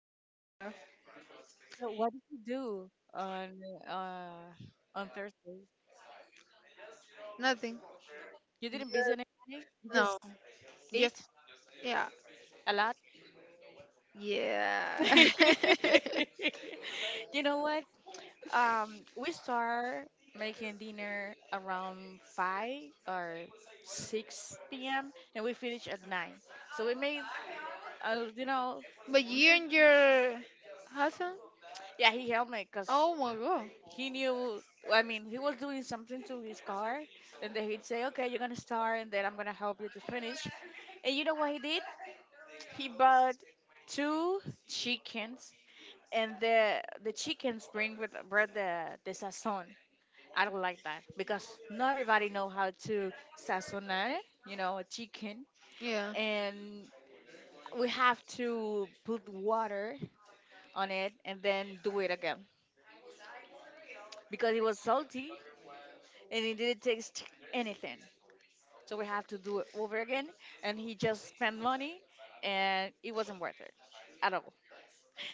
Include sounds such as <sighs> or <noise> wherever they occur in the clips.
not aware of that. So what did you do uh on Thursday? Nothing. You Yes, didn't busy anybody? You just no. Yes. ate Yeah. a lot? Yeah. <laughs> <laughs> You know what? We start making dinner around 5 or 6 p.m. and we finish at 9. So we made, uh, you know, But you little, and your husband? yeah, he helped me because Oh my god. he knew. He was doing something to his car, and then he'd say, okay, you're gonna start and then I'm gonna help you to finish. And you know what he did? He bought two chickens, and the chickens bring with brought the sazon. I don't like that because not everybody know how to sazonar, a chicken. Yeah. And we have to put water on it and then do it again because it was salty, and it didn't taste anything. So we have to do it over again. And he just spent money, and it wasn't worth it at all.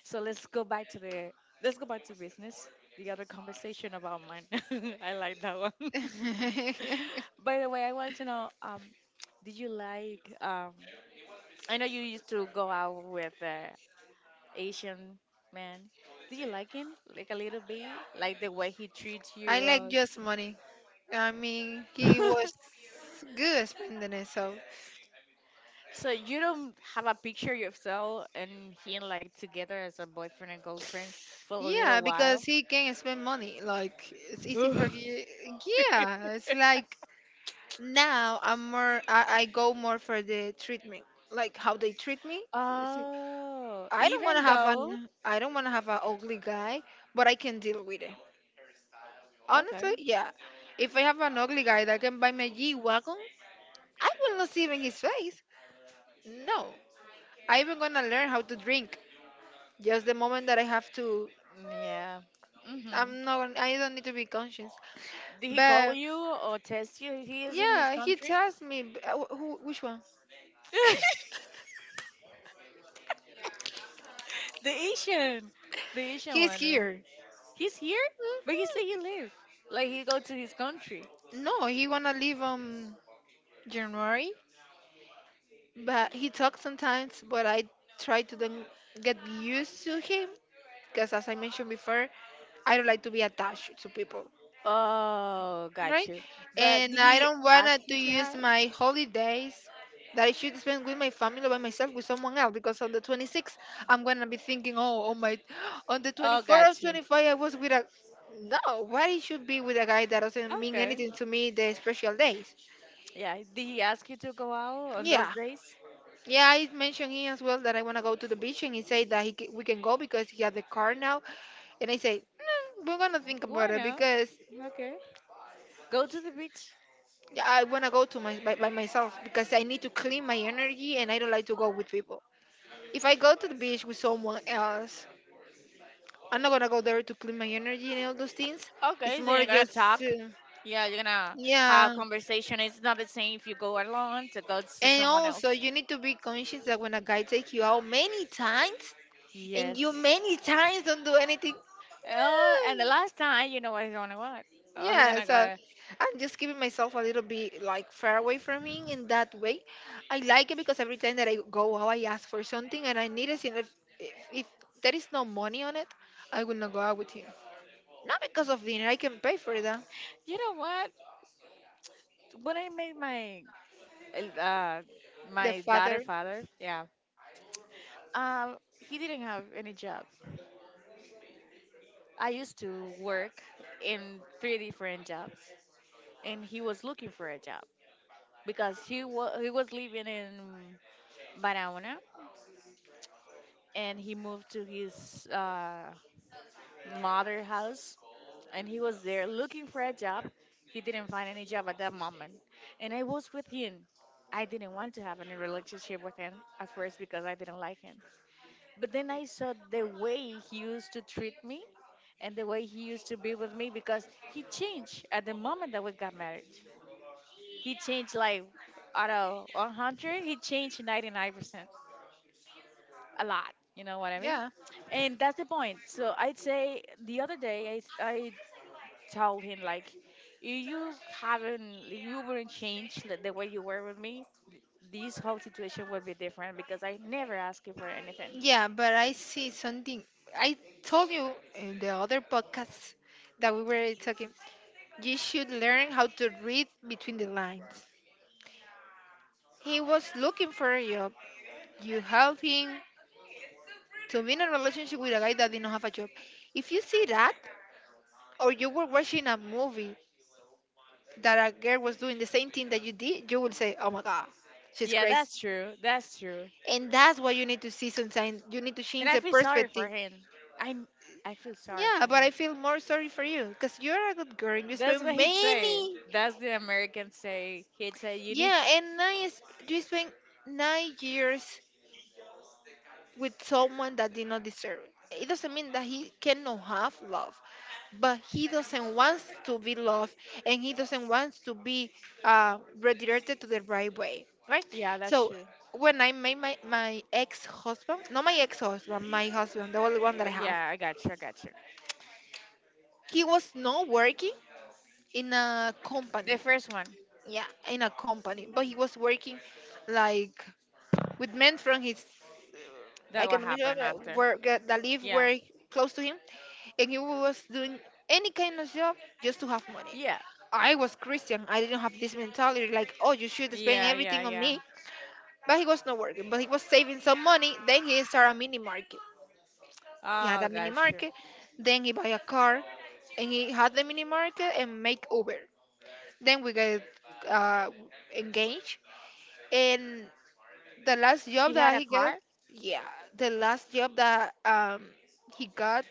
So let's go back to business. The other conversation about mine. <laughs> I like that one. <laughs> <laughs> By the way, I wanted to know, did you like I know you used to go out with Asian man. Did you like him? Like a little bit? Like the way he treats you? I like just money. He was <laughs> good at spending it. So So you don't have a picture yourself and him like together as a boyfriend and girlfriend for a yeah, little while? because he can spend money. Like it's <laughs> easy for Ugh. you. Yeah, it's like now I'm more I go more for the treatment, like how they treat me. Oh, even though. I don't want to have an ugly guy, but I can deal with it. Honestly, Okay. yeah. If I have an ugly guy that can buy my G wagon, I will not see it in his face. No, I even gonna learn how to drink. Just the moment that I have to, Mm, yeah. Mhm. I'm not. Gonna- I don't need to be conscious. Did he call But you or text you? He is in his yeah, he country. tells me who, which one. <laughs> <laughs> the Asian, the Asian He's one. Here. He's here, but he say he live, like he go to his country. No, he wanna leave January. But he talks sometimes, but I try to do get used to him because, as I mentioned before, I don't like to be attached to people, Oh, got right? you. But And did I he don't want ask you to to use have? my holidays that I should spend with my family or by myself with someone else because on the 26th, I'm going to be thinking, oh, on my, <gasps> on the Oh, 24th or got you. 25th, I was with a. No, why it should be with a guy that doesn't mean Okay. anything to me the special days? Yeah. Did he ask you to go out on those Yeah, days? yeah, I mentioned him as well that I want to go to the beach, and he said that he can, we can go because he has the car now. And I say, "Mm, we're gonna think about Why it not? because Okay. Go to the beach. I wanna go to my by myself because I need to clean my energy, and I don't like to go with people. If I go to the beach with someone else, I'm not gonna go there to clean my energy and all those things. It's Okay. So more you're gonna just. talk. Yeah, you're gonna have Yeah, conversation. It's not the same if you go alone to go to and someone else. also you need to be conscious that when a guy takes you out many times and you Yes. many times don't do anything, Oh, and the last time, you know what he's gonna, what? Oh, he's yeah, gonna so go. I'm just giving myself a little bit like far away from him in that way. I like it because every time that I go out, I ask for something and I need it. And if, if, if there is no money on it, I will not go out with him. Not because of dinner, I can pay for that. You know what? When I made my uh The my daughter father, father, yeah. He didn't have any job. I used to work in three different jobs. And he was looking for a job because he was living in Barahona, and he moved to his mother house, and he was there looking for a job. He didn't find any job at that moment, and I was with him. I didn't want to have any relationship with him at first because I didn't like him. But then I saw the way he used to treat me and the way he used to be with me because he changed at the moment that we got married. He changed like out of 100, he changed 99%. A lot. You know what I mean? yeah. And that's the point. So I'd say the other day, I told him like, you, you you would not change the way you were with me. This whole situation would be different because I never asked you for anything. Yeah, but I see something. I told you in the other podcast that we were talking, you should learn how to read between the lines. He was looking for a job. You help him, to be in a relationship with a guy that didn't have a job. If you see that, or you were watching a movie that a girl was doing the same thing that you did, you will say, oh my God, she's Yeah, crazy. that's true. That's true. And that's what you need to see sometimes. You need to And change I the feel sorry perspective. for him. I I feel sorry Yeah, for but I him. feel more sorry for you because you're a good girl. You That's spent what he'd say. many, That's the American say. He'd say you need. yeah, you spent 9 years with someone that did not deserve it. It doesn't mean that he cannot have love. But he doesn't want to be loved and he doesn't want to be redirected to the right way right. Yeah, that's So true. when I met my, my ex-husband, not my ex-husband my husband, the only one that I have, Yeah, I got you. I got you. he was not working in a company, The first one yeah, in a company, but he was working like with men from his, I that can what remember, happened after. where that live Yeah. were close to him, and you was doing any kind of job just to have money. Yeah. I was Christian. I didn't have this mentality like, oh, you should spend Yeah. Yeah. everything on Yeah. me. But he was not working. But he was saving some money. Then he started a mini market. He had a Oh, mini got you. market. Then he buy a car, and he had the mini market and make Uber. Then we get uh, engaged. And the last job He had that a he got, car. yeah, the last job that he got,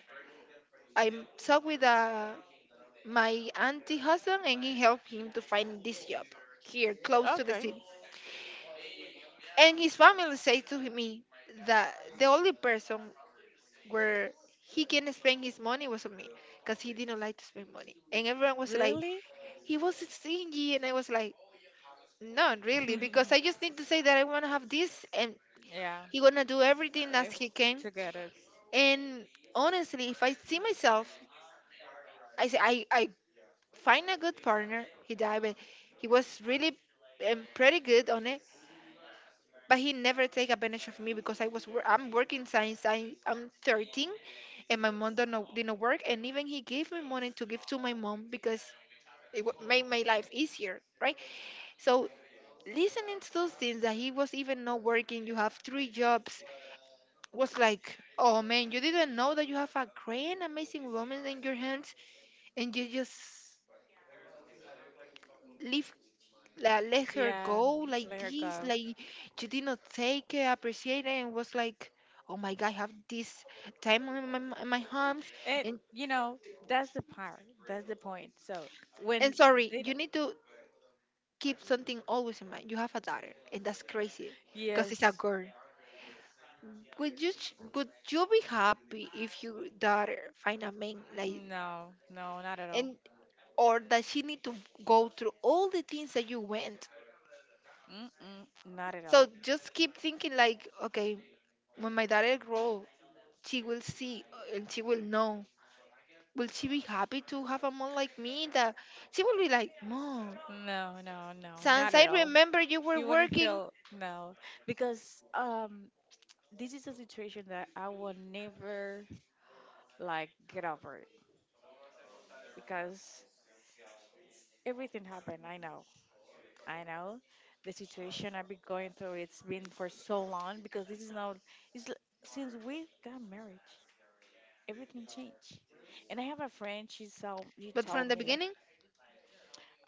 I talked with a, my auntie husband, and he helped him to find this job here close to the Okay. city. And his family said to me that the only person where he can spend his money was on me because he didn't like to spend money. And everyone was like, Really? he was stingy. And I was like, not really, because I <laughs> just need to say that I want to have this and Yeah. he gonna do everything as he It's can. together. And honestly, if I see myself, I say I find a good partner. He died, but he was really pretty good on it. But he never take advantage of me because I was I'm working since I'm 13, and my mom don't know, didn't work. And even he gave me money to give to my mom because made my life easier, right? So listening to those things that he was even not working, you have three jobs, was like, oh man, you didn't know that you have a great, amazing woman in your hands, and you just leave. Like let her Yeah. go like Let her this, go. like she did not take it appreciate it and was like, oh my god, I have this time on my hands. And and you know, that's the part. That's the point. So and when sorry, they you don't. need to keep something always in mind, you have a daughter and that's crazy because it's a Yes. girl. Would you would you be happy if your daughter find a man like, No. No. Not at all. and or that she need to go through all the things that you went. Mm-mm, not at So all. just keep thinking like, okay, when my daughter grow, she will see and she will know. Will she be happy to have a mom like me? That she will be like, Mom, No, no, no, since not I at all. remember you were You wouldn't working, feel no because this is a situation that I will never like get over it because everything happened. I know. I know the situation I've been going through. It's been for so long because this is now, it's l- since we got married, everything changed. And I have a friend. She saw. She but from told the me like, beginning,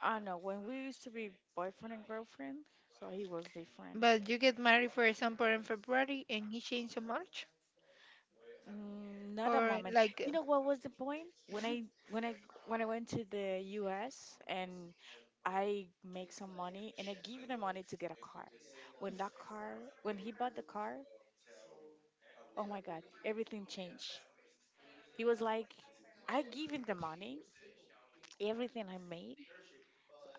I know when we used to be boyfriend and girlfriend. So he was different. but you get married, for example, in February and he changed in March, Mm, not a or moment. like You know what was the point? When I went to the US and I make some money and I give the money to get a car. When that car when he bought the car, oh my god, everything changed. He was like, I give him the money, everything I made.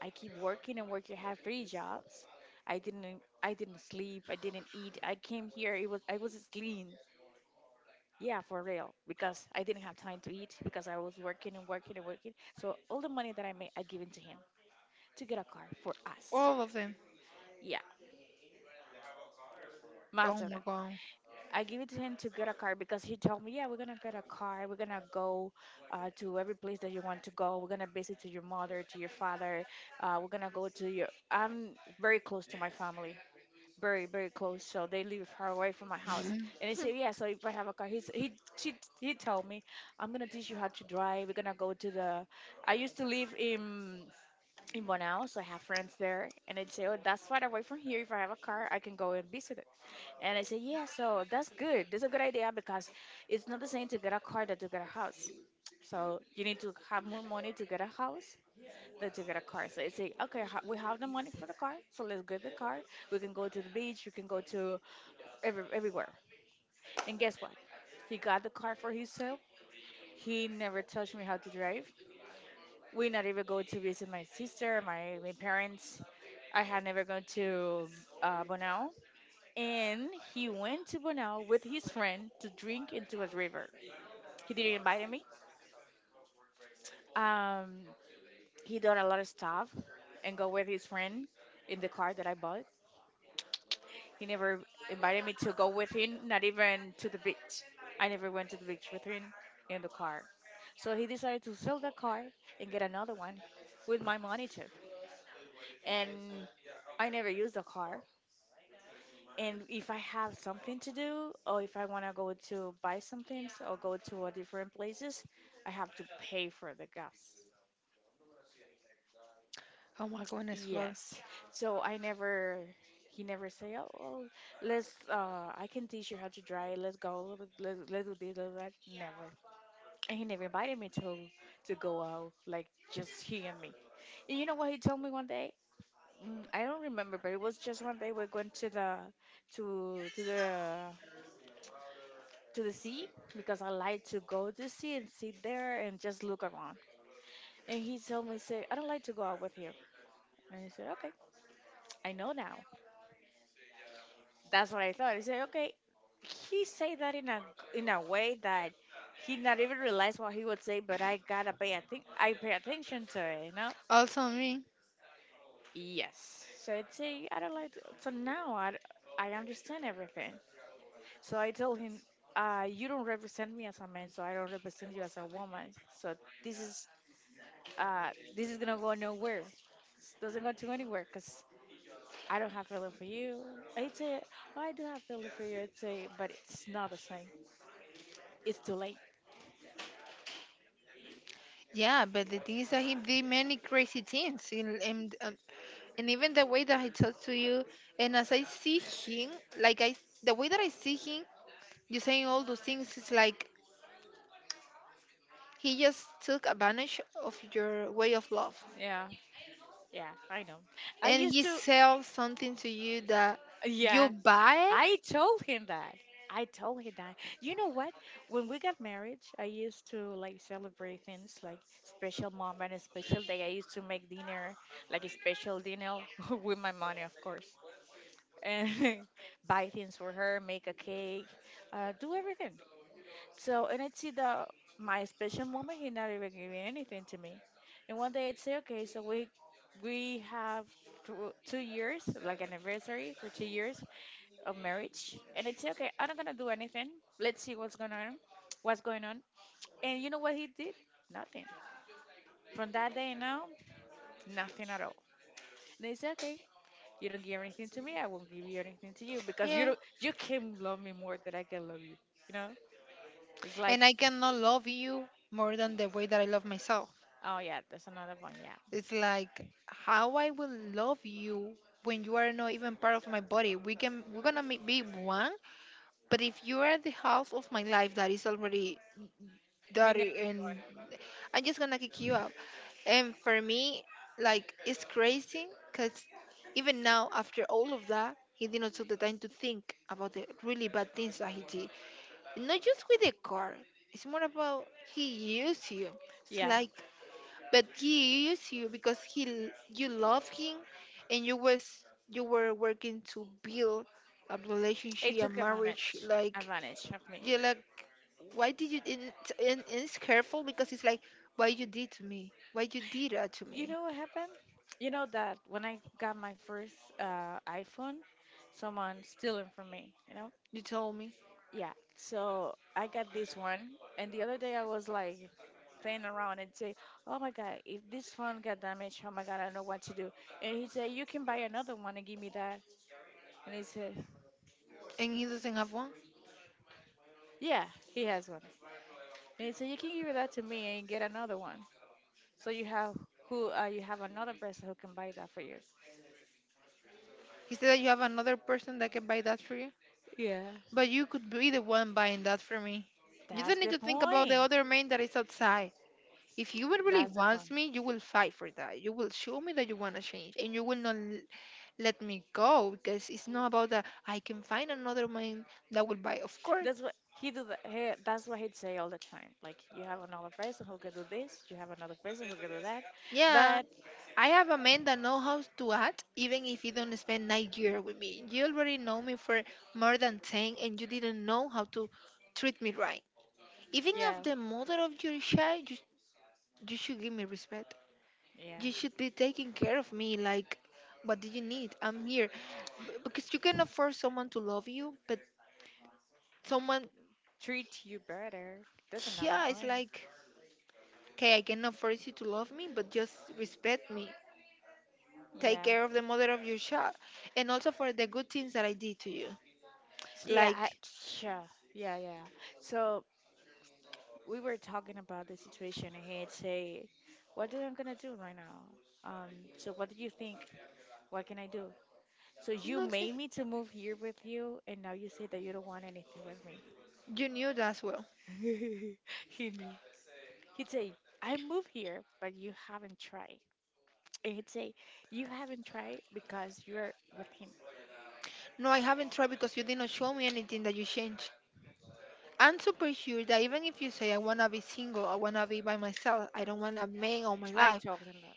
I keep working and working. I had three jobs. I didn't sleep. I didn't eat. I came here. It was I was sleep. Yeah, for real. Because I didn't have time to eat because I was working and working and working. So all the money that I made, I give it to him to get a car for us. all of them. Yeah, Oh most of my them. god. <laughs> I give it to him to get a car because he told me, yeah, we're gonna get a car. We're gonna go to every place that you want to go. We're gonna visit to your mother, to your father. We're gonna go to your. I'm very close to my family, very very close, so they live far away from my house. Mhm. And he said yeah, so if I have a car, she, he told me, I'm gonna teach you how to drive. We're gonna go to the I used to live in Bonao, so I have friends there, and they'd say, oh, that's far away from here. If I have a car, I can go and visit it. And I said yeah, so that's a good idea because it's not the same to get a car than to get a house. So you need to have more money to get a house that to get a car. So it's say, okay, we have the money for the car, so let's get the car. We can go to the beach, we can go to everywhere. And guess what? He got the car for himself. He never tells me how to drive. We not even go to visit my sister, my parents. I had never gone to Bonao. And he went to Bonao with his friend to drink into a river. He didn't invite me. Um, he done a lot of stuff and go with his friend in the car that I bought. He never invited me to go with him, not even to the beach. I never went to the beach with him in the car. So he decided to sell the car and get another one with my money too. And I never used the car. And if I have something to do, or if I want to go to buy some things or go to a different places, I have to pay for the gas. Oh my goodness, Lord. Yes. So I never, he never say, oh, oh, let's, uh, I can teach you how to drive. Let's go. Let's do this, let's do that. Never. And he never invited me to go out, like just he and me. And you know what he told me one day? Mm, I don't remember, but it was just one day we're going to, to the, to the sea because I like to go to sea and sit there and just look around. And he told me, say, I don't like to go out with you. And I said, okay, I know now. That's what I thought. I said, okay, he said that in a way that he not even realized what he would say, but I pay attention to it, you know. Also me. Yes. So I'd say I don't like. So now I understand everything. So I told him, you don't represent me as a man, so I don't represent you as a woman. So this is this is gonna go nowhere. This doesn't go to anywhere because I don't have feeling for you. I'd say, oh, I do have feeling for you. I'd say, but it's not the same. It's too late. Yeah, but the thing is that he did many crazy things, and even the way that he talks to you, and as I see him, like I, the way that I see him, you saying all those things is like he just took advantage of your way of love. Yeah, yeah, I know. I And used he to, sells something to you that yeah, you buy. I told him that. I told him that. You know what? When we got married, I used to like celebrate things like special moment, a special day. I used to make dinner, like a special dinner <laughs> with my money, of course. And <laughs> buy things for her, make a cake, do everything. So, and I'd see the my special moment. He not even giving anything to me. And one day I'd say, okay, so we have 2 years, like an anniversary for 2 years of marriage. And I'd say, okay, I'm not gonna do anything. Let's see what's going on, what's going on. And you know what he did? Nothing. From that day now, nothing at all. And they said, okay, you don't give anything to me, I won't give you anything to you because you Yeah. don't, you can love me more than I can love you. You know, it's And I like, cannot love you more than the way that I love myself. oh yeah, that's another one. Yeah, It's like how I will love you when you are not even part of my body. We can be one, but if you are the half of my life that is already me neither. dirty and I'm just gonna kick you out. And for me, like, it's crazy because even now, after all of that, he didn't took the time to think about the really bad things that he did. Not just with the car, it's more about he used you. It's Yeah, like, but he used you because he you love him, and you were working to build a relationship, it a took marriage. advantage Like advantage of me. you're like, why did you? And it's careful because it's like, why you did to me? Why you did that to You me? know what happened? You know that when I got my first iPhone, someone stealing from me. You know? You told me. Yeah. So I got this one, and the other day I was like playing around and say, "Oh my God, if this phone got damaged, oh my God, I don't know what to do." And he said, "You can buy another one and give me that." And he said, And he doesn't have one? "Yeah, he has one." And he said, "You can give that to me and get another one." So you have another person who can buy that for you. He said that you have another person that can buy that for you? Yeah. But you could be the one buying that for me. You That's don't need the to think about the point. other man that is outside. If you would really That's the wants point. me, you will fight for that. You will show me that you want to change and you will not let me go because it's not about that I can find another man that will buy. Of course. That's what he do. That's what he'd say all the time. Like you have another person who could do this. You have another person who could do that. Yeah. But I have a man that know how to act even if he don't spend 9 years with me. You already know me for more than 10 and you didn't know how to treat me right. Even if yeah, the mother of your child, you should give me respect. You yeah. should be taking care of me. Like, what do you need? I'm here. Because you cannot force someone to love you, but someone, Treat you better. That's another yeah, it's point. like, okay, I cannot force you to love me, but just respect me. Take Yeah. care of the mother of your child. And also for the good things that I did to you. It's Yeah. like, Yeah. Yeah. Yeah. So we were talking about the situation, and he'd say, "What do I'm gonna do right now? So what do you think? What can I do? So you okay, made me to move here with you, and now you say that you don't want anything with me." you knew that as well. <laughs> He knew. He'd say, I move here, but you haven't tried. And he'd say, You haven't tried because you're with him. No, I haven't tried because you did not show me anything that you changed. I'm super sure that even if you say I wanna be single, I wanna be by myself, I don't want a man all my I life, told him that.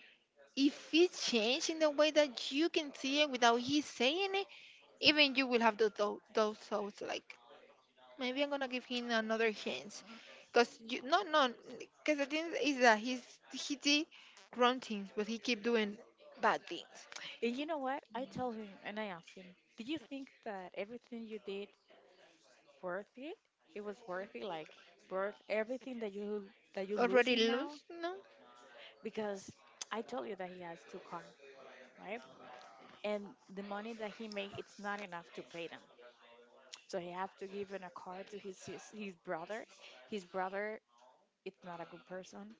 if it's changed in the way that you can see it without he saying it, even you will have those thoughts like maybe I'm gonna give him another chance, cause you no no, Cause the thing is that he did wrong things, but he keep doing bad things. And you know what? I told him and I asked him, Did you think that everything you did worth it? It was worth it, like worth everything that you're Already losing now? lose no, Because I told you that he has two car, right? And the money that he made it's not enough to pay them. So he have to give in a car to his brother. His brother it's not a good person.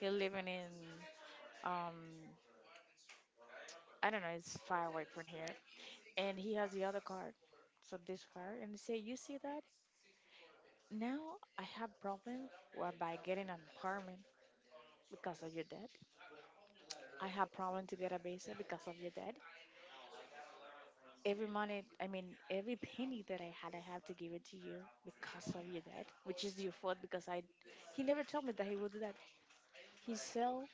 He's living in um I don't know, it's far away from here. And he has the other car. So this car and he say, You see that? Now I have problem by getting an apartment because of your dad. I have problem to get a visa because of your dad. Every money I mean every penny that I had I have to give it to you because of your dad, which is your fault. Because I he never told me that he would do that. He sell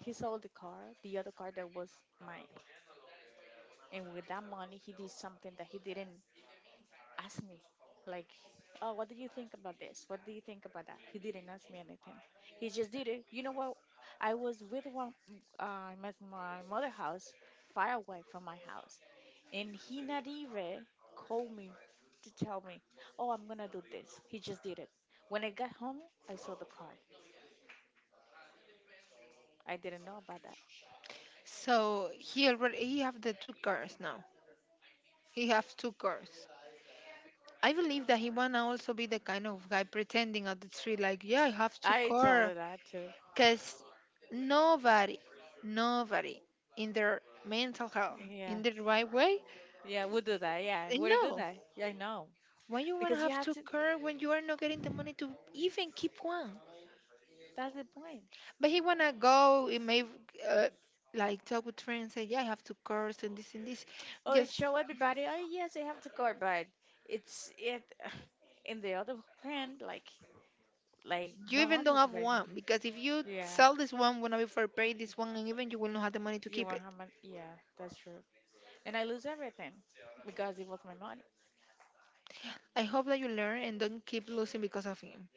He sold the car, the other car that was mine. And with that money, he did something that he didn't ask me. Like, oh, what do you think about this? What do you think about that? He didn't ask me anything. He just did it. You know what? I was with one, my mother house, far away from my house. And he not even called me to tell me, oh, I'm going to do this. He just did it. When I got home, I saw the car. I didn't know about that. so he have the two cars now. He have two cars. I believe that he wanna also be the kind of guy pretending at the tree like, yeah, I have two I told car, her that too. cause nobody, nobody in their mental health, in Yeah. the right way, Yeah, we'll do that. Yeah, we'll do no. that. Yeah, I know. Why you wanna Because you have have two to, car when you are not getting the money to even keep one? that's the point. But he wanna go and maybe uh, like talk with friends say, yeah, I have two cars and this and this. Oh, it Just show everybody, oh, yes, I have to go, but it's it. <sighs> In the other hand, like you no even money don't was have about to— one because if you Yeah, sell this one, wanna be for pay this one, and even you will not have the money to you keep were it. how much? Yeah, that's true. And I lose everything because it was my money. I hope that you learn and don't keep losing because of him.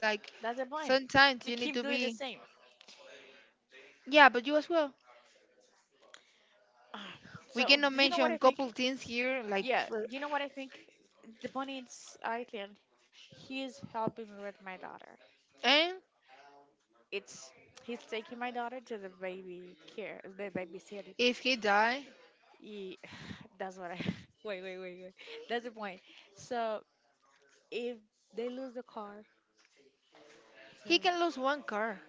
Like That's the point. sometimes We you need keep to doing the be same. <sighs> yeah, but you as well. Ah, We So, cannot do you know what mention I think? couple things here like Yeah, for, you know what I think? The point is, I think he's helping me with my daughter. and It's He's taking my daughter to the baby care, the babysitter. if he die, Ye- <sighs> that's what I. <laughs> Wait, wait, wait, wait. That's the point. So if they lose the car, so he can lose one car.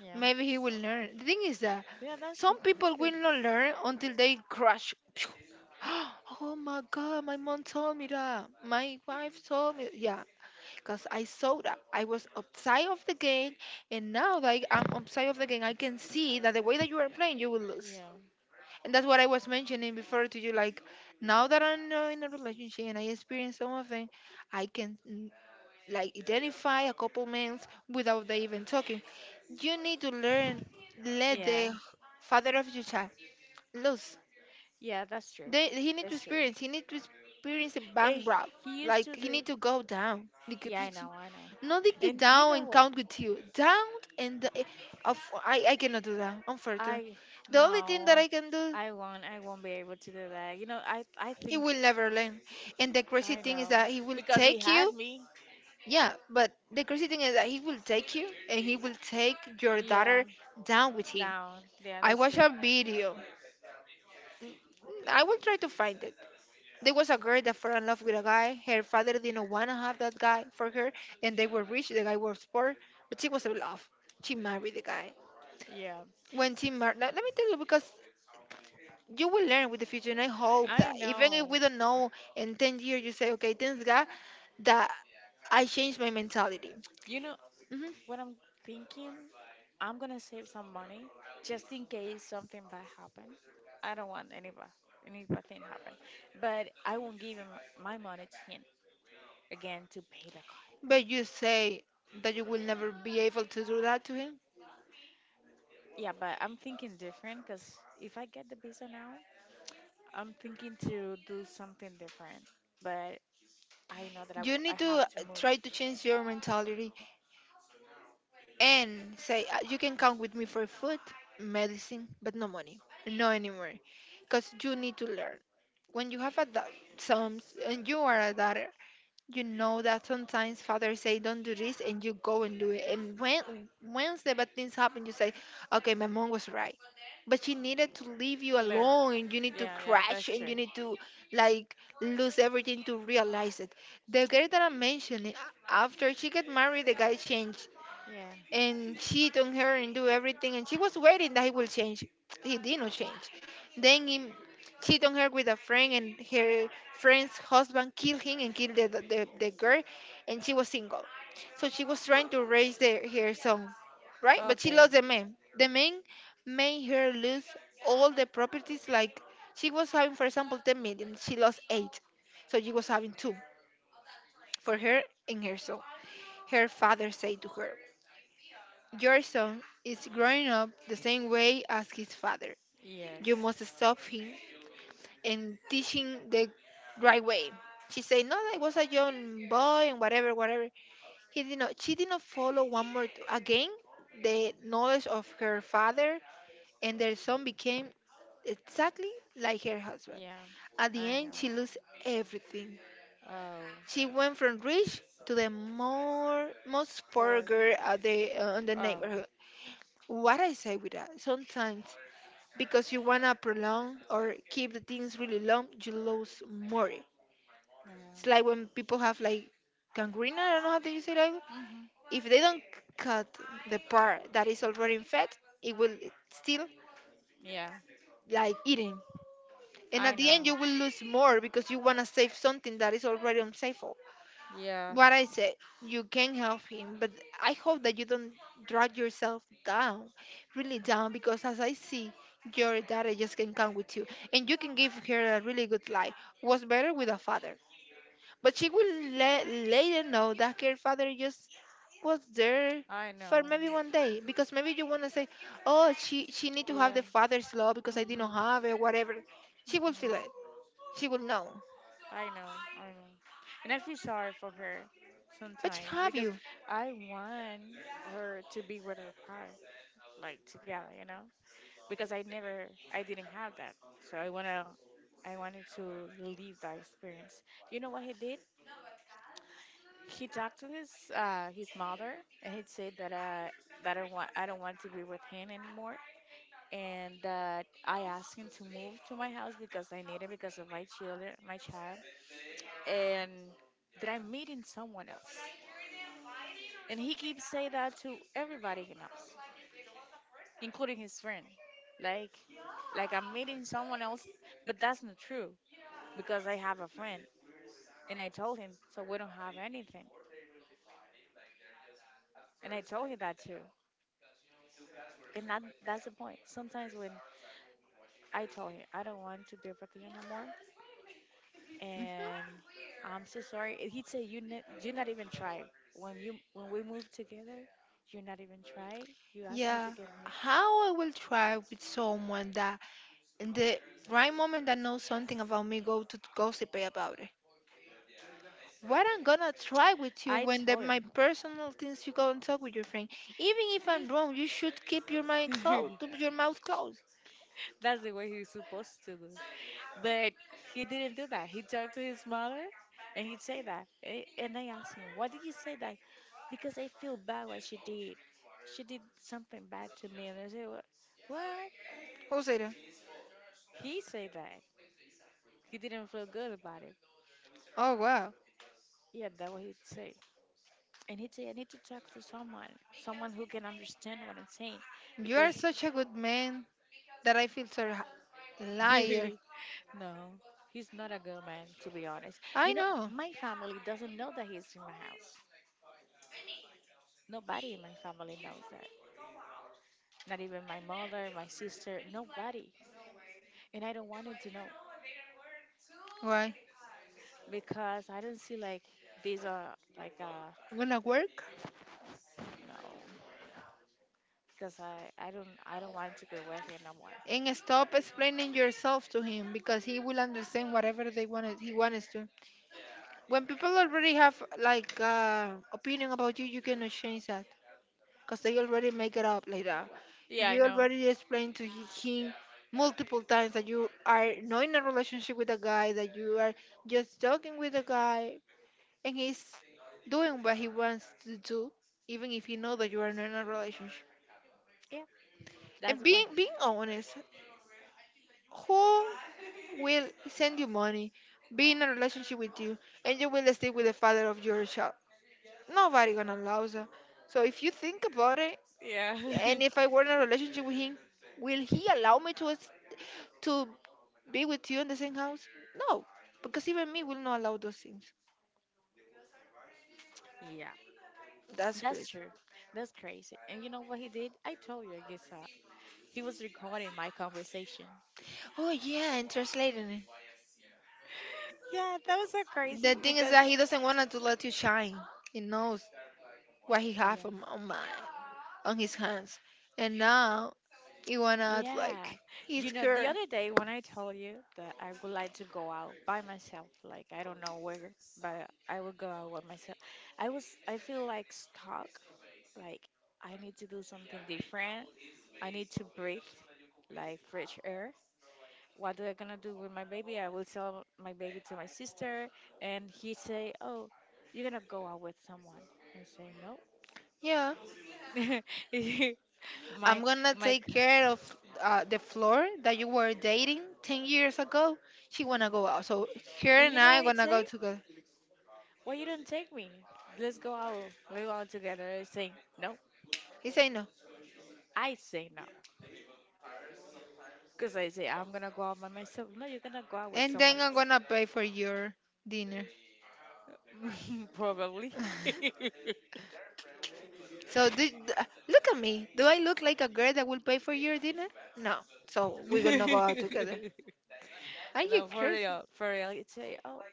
yeah, Maybe he will learn. The thing is that yeah, that's good, some that's people good. will not learn until they crash. <gasps> Oh my god, my mom told me that. My wife told me, yeah, because I saw that I was outside of the game, and now that I'm outside of the game, I can see that the way that you are playing, you will lose. Yeah, And that's what I was mentioning before to you. Like now that I'm in a relationship and I experience some of them, I can like identify a couple men without they even talking. You need to learn let yeah, the father of your child lose. yeah, that's true. He need to That's true. experience. He need to experience a bank Hey, rob. he used Like to he need do. to go down. Because Yeah, I know, I know. nothing can And you down know and what? count with you. Down and of, I cannot do that. Unfortunately, I the only thing No, that I can do, I won't. I won't be able to do that. You know, I he think will never learn. And the crazy I thing is know that he will because he take you. had me. Yeah, but the crazy thing is that he will take you and he will take your daughter Yeah, down with him. Down. Yeah, I that's watched true. a video. I will try to find it. There was a girl that fell in love with a guy. Her father didn't want to have that guy for her, and they were rich. The guy was poor, but she was in love. She married the guy. Yeah, When Tim Martin, let me tell you, because you will learn with the future, and I hope I that even if know. we don't Uh, know in 10 years, you say, okay, thanks God that I changed my mentality. You know Hmm. what I'm thinking? I'm gonna save some money just in case something bad happen. I don't want any bad thing happen. But I won't give him my money to him again to pay the car. But you say that you will never be able to do that to him. Yeah, but I'm thinking different because if I get the visa now, I'm thinking to do something different. But I know that You I need to have to move. try to change your mentality and say, you can count with me for food, medicine, but no money, no anymore. Because you need to learn. When you have a some, and you are a dad you know that sometimes fathers say don't do this and you go and do it and when once the bad things happen you say okay my mom was right but she needed to leave you Learn. alone and you need to Yeah, yeah, crash that's and true. you need to like lose everything to realize it. The girl that I mentioned, after she got married the guy changed Yeah. and cheat on her and do everything and she was waiting that he will change. He did not change, then he cheat on her with a friend and her friend's husband killed him and killed the girl, and she was single, so she was trying to raise her son, right, but she Okay. lost the man. The man made her lose all the properties, like she was having for example 10 million, she lost 8, so she was having 2 for her and her son. Her father said to her, your son is growing up the same way as his father. You Yes. must stop him and teach him the right way. She said, no, I was a young boy and whatever, whatever. He did not she did not follow one more again the knowledge of her father, and their son became exactly like her husband. Yeah, At the I end know. she lost everything. Oh, She went from rich to the more most poor girl at the, on the oh, neighborhood. What I say with that? Sometimes because you wanna prolong or keep the things really long, you lose more. It's yeah. like when people have like gangrene. I don't know how do you say that. Mm-hmm. If they don't cut the part that is already fat, it will still Yeah, like eating. And I at the end, know. you will lose more because you wanna save something that is already unsafe. Yeah, What I said, you can help him, but I hope that you don't drag yourself down, really down, because as I see, your daughter just can come with you, and you can give her a really good life. Was better with a father, but she will let later know that her father just was there I know. for maybe one day, because maybe you wanna say, oh, she need to have Yeah. the father's love because I didn't Mm-hmm. have it, whatever. She will feel it. Mm-hmm. She will know, I know. I know. And I feel sorry for her but she sometimes have because you. I want her to be with her partner, like together, you know? Because I didn't have that. So I wanted to leave that experience. You know what he did? He talked to his mother, and he said that that I don't want to be with him anymore, and that I asked him to move to my house because I need it because of my child, and that I'm meeting someone else, and he keeps saying that to everybody he knows, including his friend, like like I'm meeting someone else. But that's not true, because I have a friend, and I told him, so we don't have anything, and I told him that too. And that's the point. Sometimes when I told him I don't want to be with you no more, and Mm-hmm. I'm so sorry. And he'd say, you you not even try when you when we moved together. You not even try. You asked me to Yeah, come here. how I will try with someone that in the right moment that knows something about me go to gossip about it. What I'm gonna try with you I when the, told my him, personal things you go and talk with your friend. Even if I'm <laughs> wrong, you should keep your mind closed, your mouth closed. that's the way he's supposed to do, but he didn't do that. He talked to his mother, and he'd say that. And I asked him, why did you say that? Because I feel bad what she did. She did something bad to me. And I said, what? What? Who said that? He said that. He didn't feel good about it. Oh wow, Yeah, that what he'd say. And he'd say, I need to talk to someone, someone who can understand what I'm saying. you are Because, such a good man that I feel sorry. <laughs> no, Liar. he's not a good man, to be honest. I You know, know. my family doesn't know that he's in my house. Nobody in my family knows that. Not even my mother, my sister, nobody. And I don't want him to know, Why? because I don't see, like, these are like Gonna work? no, because I don't want to be with him no more. And stop explaining yourself to him because he will understand whatever they wanted he wants to. When people already have like opinion about you, you cannot change that because they already make it up like that. Yeah, I You know. already explained to him multiple times that you are not in a relationship with a guy, that you are just talking with a guy, and he's doing what he wants to do, even if you know that you are not in a relationship. Yeah, that's And the being point. being honest, who will send you money, be in a relationship with you, and you will stay with the father of your child? Nobody gonna allow that. So if you think about it, Yeah. <laughs> and if I were in a relationship with him, will he allow me to to be with you in the same house? No, because even me will not allow those things. Yeah, That's that's great. true. That's crazy. And you know what he did? I told you, I guess he was recording my conversation. Oh yeah, and translating it. Yeah, that was so The crazy thing is because. that he doesn't want to let you shine. He knows what he have Yeah. on on his hands, and now he wanna act Yeah. like he's You know, the scared. other day when I told you that I would like to go out by myself, like I don't know where, but I would go out by myself. I feel like stuck, like I need to do something different. I need to breathe, like, fresh air. What do I gonna do with my baby? I will sell my baby to my sister, and he say, "Oh, you're gonna go out with someone." I say, "No." Yeah, <laughs> my I'm gonna my, take c- care of the floor that you were dating 10 years ago. She wanna go out. So her and you know I what I gonna say? go together. Why you don't take me? Let's go out together. I say, "No." He say no. I say no, because I say I'm gonna go out by myself. No, you're gonna go out with And someone then I'm else, gonna pay for your dinner. <laughs> probably. <laughs> <laughs> So look at me. Do I look like a girl that will pay for your dinner? No. So we will not go out together. Are you No, for crazy? real, for real. He'd say, "Oh,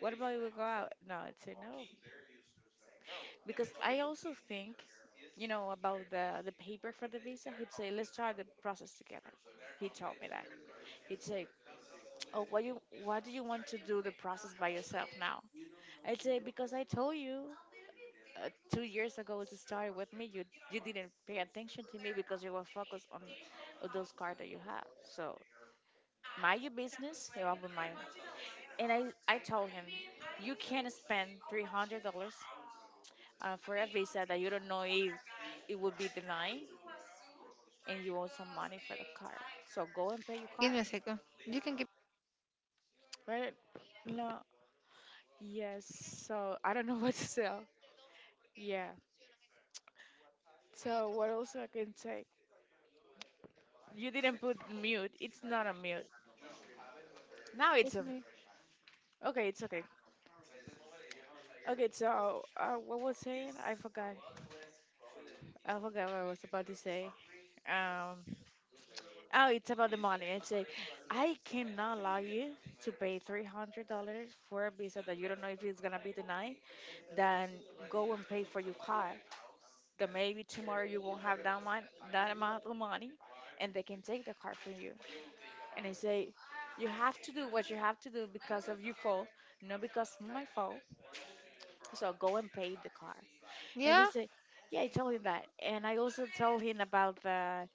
what about you? We go out?" No, I'd say no. Because I also think, about the paper for the visa. He'd say, "Let's try the process together." He told me that. He'd say, "Oh, why do you want to do the process by yourself now?" I'd say, "Because I told you 2 years ago to start with me. You didn't pay attention to me because you were focused on those cards that you have. So mind your business, you open mine." And I told him, "You can't spend $300 for a visa that you don't know if it would be denied, and you owe some money for the car. So go and pay your Give car. me a second. You can give Right? No. Yes. So I don't know, <laughs> what to sell. Yeah. So what else I can say? You didn't put mute. It's not a mute. Now it's with a. me. Okay, it's okay. Okay, so what was saying? I forgot. I forgot what I was about to say. Um. Oh, it's about the money. I'd say, I cannot allow you to pay $300 for a visa that you don't know if it's gonna be denied. Then go and pay for your car, that maybe tomorrow you won't have that amount of money, and they can take the car from you. And I say, you have to do what you have to do because of your fault, not because of my fault. So go and pay the car. And he Yeah? said, yeah, I told him that. And I also told him about the,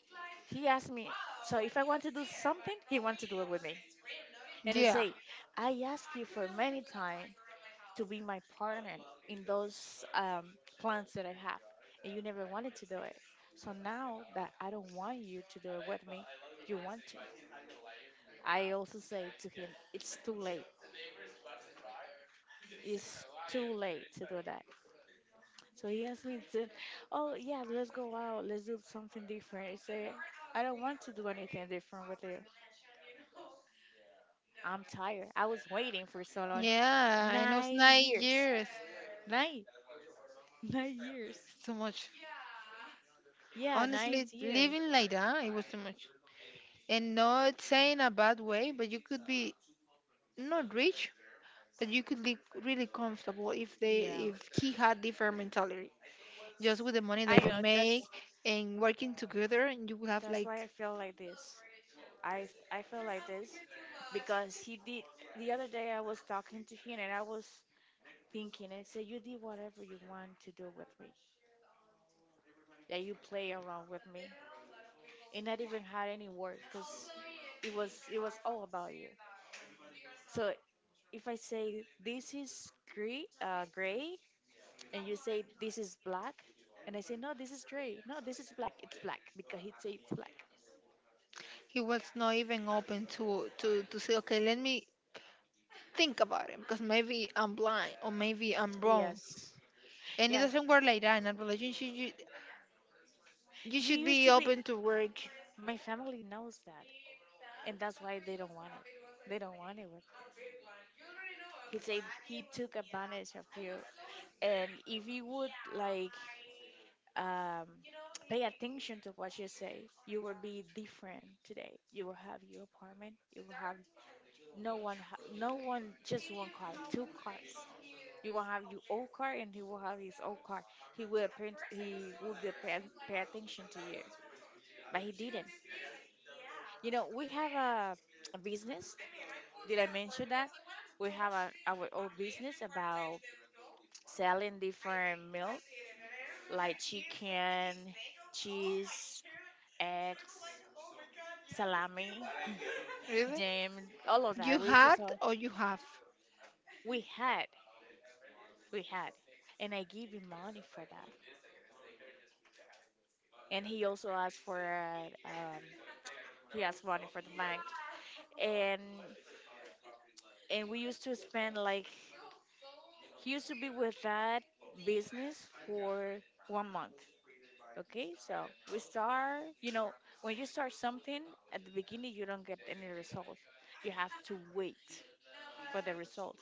he asked me, so if I want to do something, he want to do it with me. And I Yeah. say, I asked you for many times to be my partner in those plans that I have. And you never wanted to do it. So now that I don't want you to do it with me, you want to. I also say to him, it's too late. It's too late to do that. So he asked me to, oh yeah, let's go out. Let's do something different. I say, I don't want to do anything different with you. I'm tired. I was waiting for so long. Yeah. And it was Nine nine years. years. Nine. <laughs> 9 years. It's too much. Yeah, nine Honestly, years. living like that, it was too much. And not saying a bad way, but you could be not rich, but you could live really comfortable if they Yeah. if he had different mentality. Just with the money I that you know. make and working together, and you will have That's like why I feel like this. I feel like this because he did the other day I was talking to him and I was thinking and said you did whatever you want to do with me. That you play around with me and not even had any word because it was all about you. So if I say this is gray, gray and you say this is black, and I say no this is gray, no this is black, it's black because he say it's black. he was not even open to to say, okay, let me think about it because maybe I'm blind or maybe I'm wrong, Yes. and it Yeah. doesn't work like that in a relationship. You You should used be to be. open to work, My family knows that, and that's why they don't want it. They don't want it. He said he took advantage of you, and if you would like um, pay attention to what you say, you will be different today. You will have your apartment. You will have no one, no one, just one car, two cars. You will have your old car, and he will have his old car. He would pay, pay attention to you, but he didn't. You know, we have a business, did I mention that we have our own business about selling different milk, like chicken, cheese, eggs, salami, really. jam, all of You that. Had or you have, We had, we had, and I give him money for that. And he also asked for he asked money for the bank, and and we used to spend like he used to be with that business for 1 month. Okay, so we start, you know, when you start something at the beginning, you don't get any result. You have to wait for the result.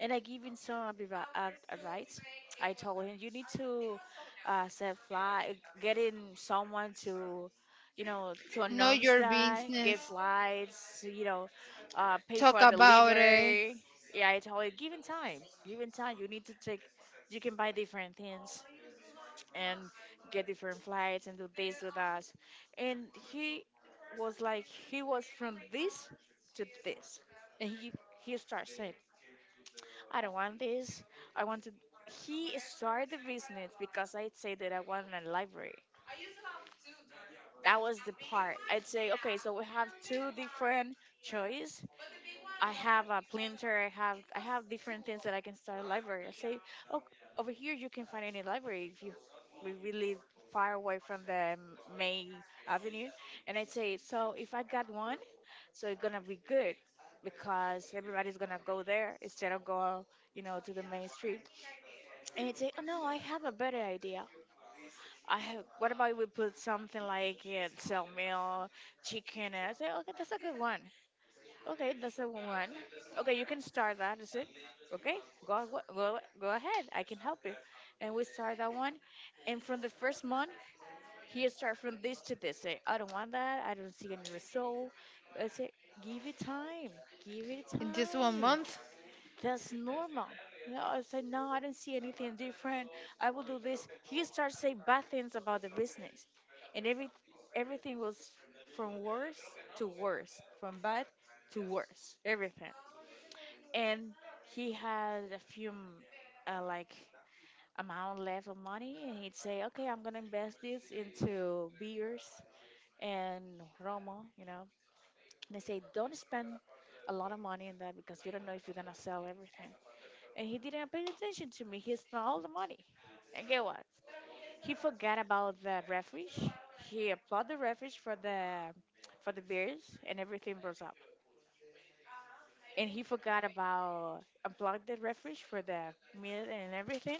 And I give him some advice. I told him, you need to set fly, getting someone to, you know, to know announce your that, business. get flights, you know, pay Talk for about it delivery. Yeah, I told him, given time, you need to take, you can buy different things and get different flights and do this with us. And he was like, he was from this to this. And he starts saying, I don't want this. I want to. He started the business because I'd say that I want a library. That was the part. I'd say, okay, so we have two different choice. I have a printer. I have different things that I can start a library. I say, oh, over here you can find any library if you we live far away from the May Avenue, and I'd say, so if I got one, so it's gonna be good because everybody's gonna go there instead of go, you know, to the main street. And I'd say, oh no, I have a better idea. I have, what about we put something like yeah, sell meal, chicken? And I say, okay, that's a good one. Okay, that's a one. Okay, you can start that. Is it? Okay, go ahead. I can help you. And we start that one. And from the first month, he start from this to this. Say, I don't want that. I don't see any result. But I say, give it time. Give it in just one time, month that's normal. You I said, no, I don't see anything different. I will do this. He starts saying bad things about the business, and every everything was from worse to worse, from bad to worse, everything. And he had a like amount left of money, and he'd say, okay, I'm gonna invest this into beers and Romo, you know. And they say, don't spend a lot of money in that because you don't know if you're gonna sell everything, and he didn't pay attention to me. He smelled the money. And get what? He forgot about the refresh. He applied the refresh for the beers and everything blows up. And he forgot about unplugged the refresh for the meal and everything,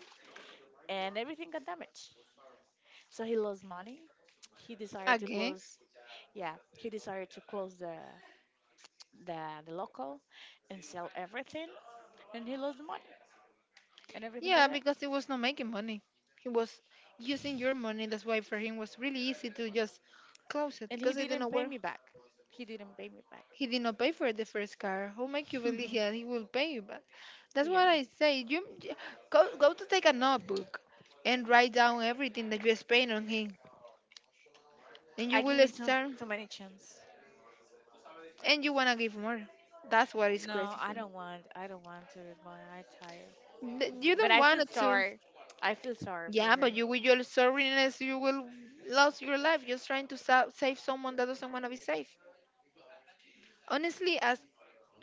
and everything got damaged. So he lost money. He decided to again. close, yeah, he decided to close the, the local, and sell everything, and he lost the money, and everything got Yeah, damaged. because he was not making money. He was using your money. That's why for him was really easy to just close it And he because he didn't didn't pay work. me back. He didn't pay me back. He did not pay for the first car. Who make you believe that he <laughs> will pay you back? That's Yeah. what I say. Go go to take a notebook and write down everything that you spend on him, and you I give will it too, start too many chance. and you wanna give more. That's what is No, crazy I for don't want. I don't want to reborn. I tired. me. You But don't I feel want to. sorry. I feel sorry for Yeah, but her. you with your sorriness, you will lose your life just trying to save someone that doesn't want to be saved. Honestly, as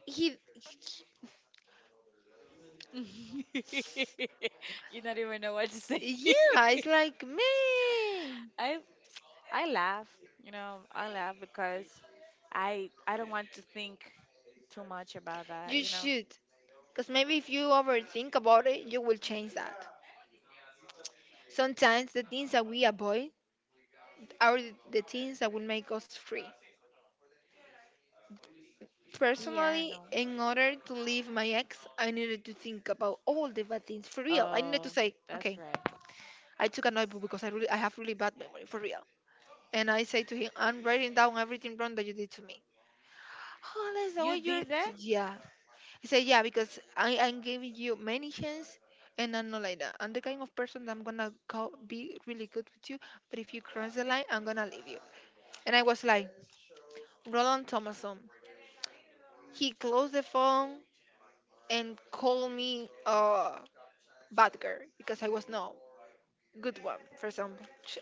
he, <laughs> You not even know what to say. yeah, it's like man, <laughs> I I laugh. You know, I laugh because I don't want to think too much about that. you You know. should, because maybe if you overthink about it, you will change that. Sometimes the things that we avoid are the things that will make us free. Yeah, I Personally, know. in order to leave my ex, I needed to think about all the bad things for real. I needed Oh, to say, that's okay, right. I took a notebook because I have really bad memory for real. And I say to him, I'm writing down everything wrong that you did to me. Oh, that's the You way you're. did that. Yeah. He said, yeah, because I'm giving you many chance, and I'm not like that. I'm the kind of person that I'm gonna go be really good with you, but if you cross the line, I'm gonna leave you. And I was like, Roland Thomason. He closed the phone and called me bad girl because I was no good one, for example.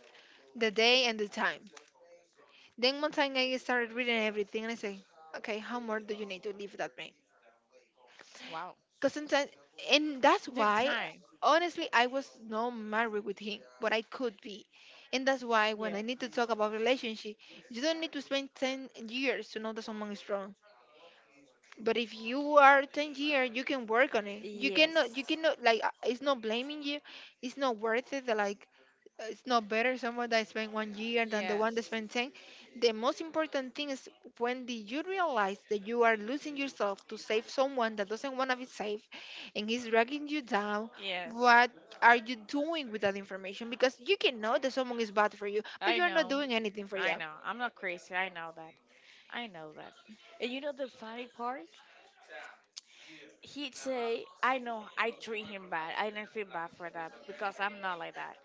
The day and the time. Then one time I started reading everything and I say, okay, how more do you need to live that way? Wow. Because sometimes, and that's It took why, time. honestly, I was not married with him, but I could be. And that's why when Yeah. I need to talk about relationship, you don't need to spend 10 years to know that someone is strong. But if you are 10 years, you can work on it. Yes. You cannot, like, it's not blaming you. It's not worth it, like, it's not better someone that spent one year than the one that Yes. spent 10. The most important thing is, when did you realize that you are losing yourself to save someone that doesn't want to be saved and he's dragging you down? Yes, What are you doing with that information? Because you can know that someone is bad for you but I you're not know. doing anything for I them. know. I'm not crazy. I know that. I know that. And you know the funny part? He'd say, I know I treat him bad. I don't feel bad for that because I'm not like that.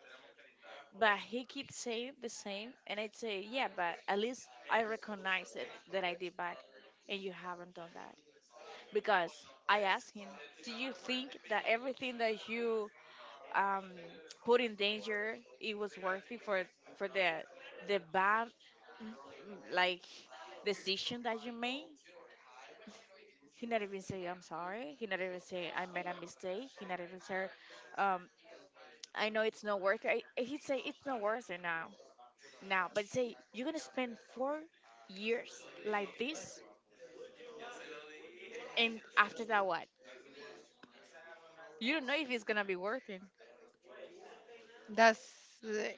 But he keeps saying the same. And I'd say, yeah, but at least I recognize it that I did bad. And you haven't done that. Because I asked him, do you think that everything that you um, put in danger, it was worthy for the bad like decision that you made. He not even say I'm sorry. He not even say I made a mistake. He not even say um, I know it's not worth it. I- He say it's not worth it now. Now, but say you're gonna spend 4 years like this, and after that what? You don't know if it's gonna be worth it, That's the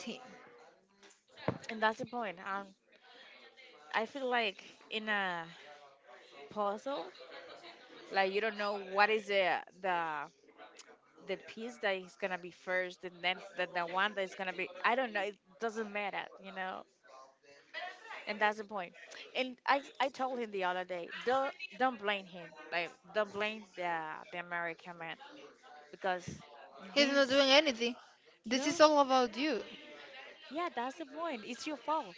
thing. and that's the point. I feel like in a puzzle, like you don't know what is the the piece that is gonna be first, and then the one that is gonna be, I don't know, it doesn't matter, you know, and that's the point. And I told him the other day, don't blame him, like don't blame the American man, because He's not doing this, anything. This no, is all about you. yeah, that's the point, it's your fault,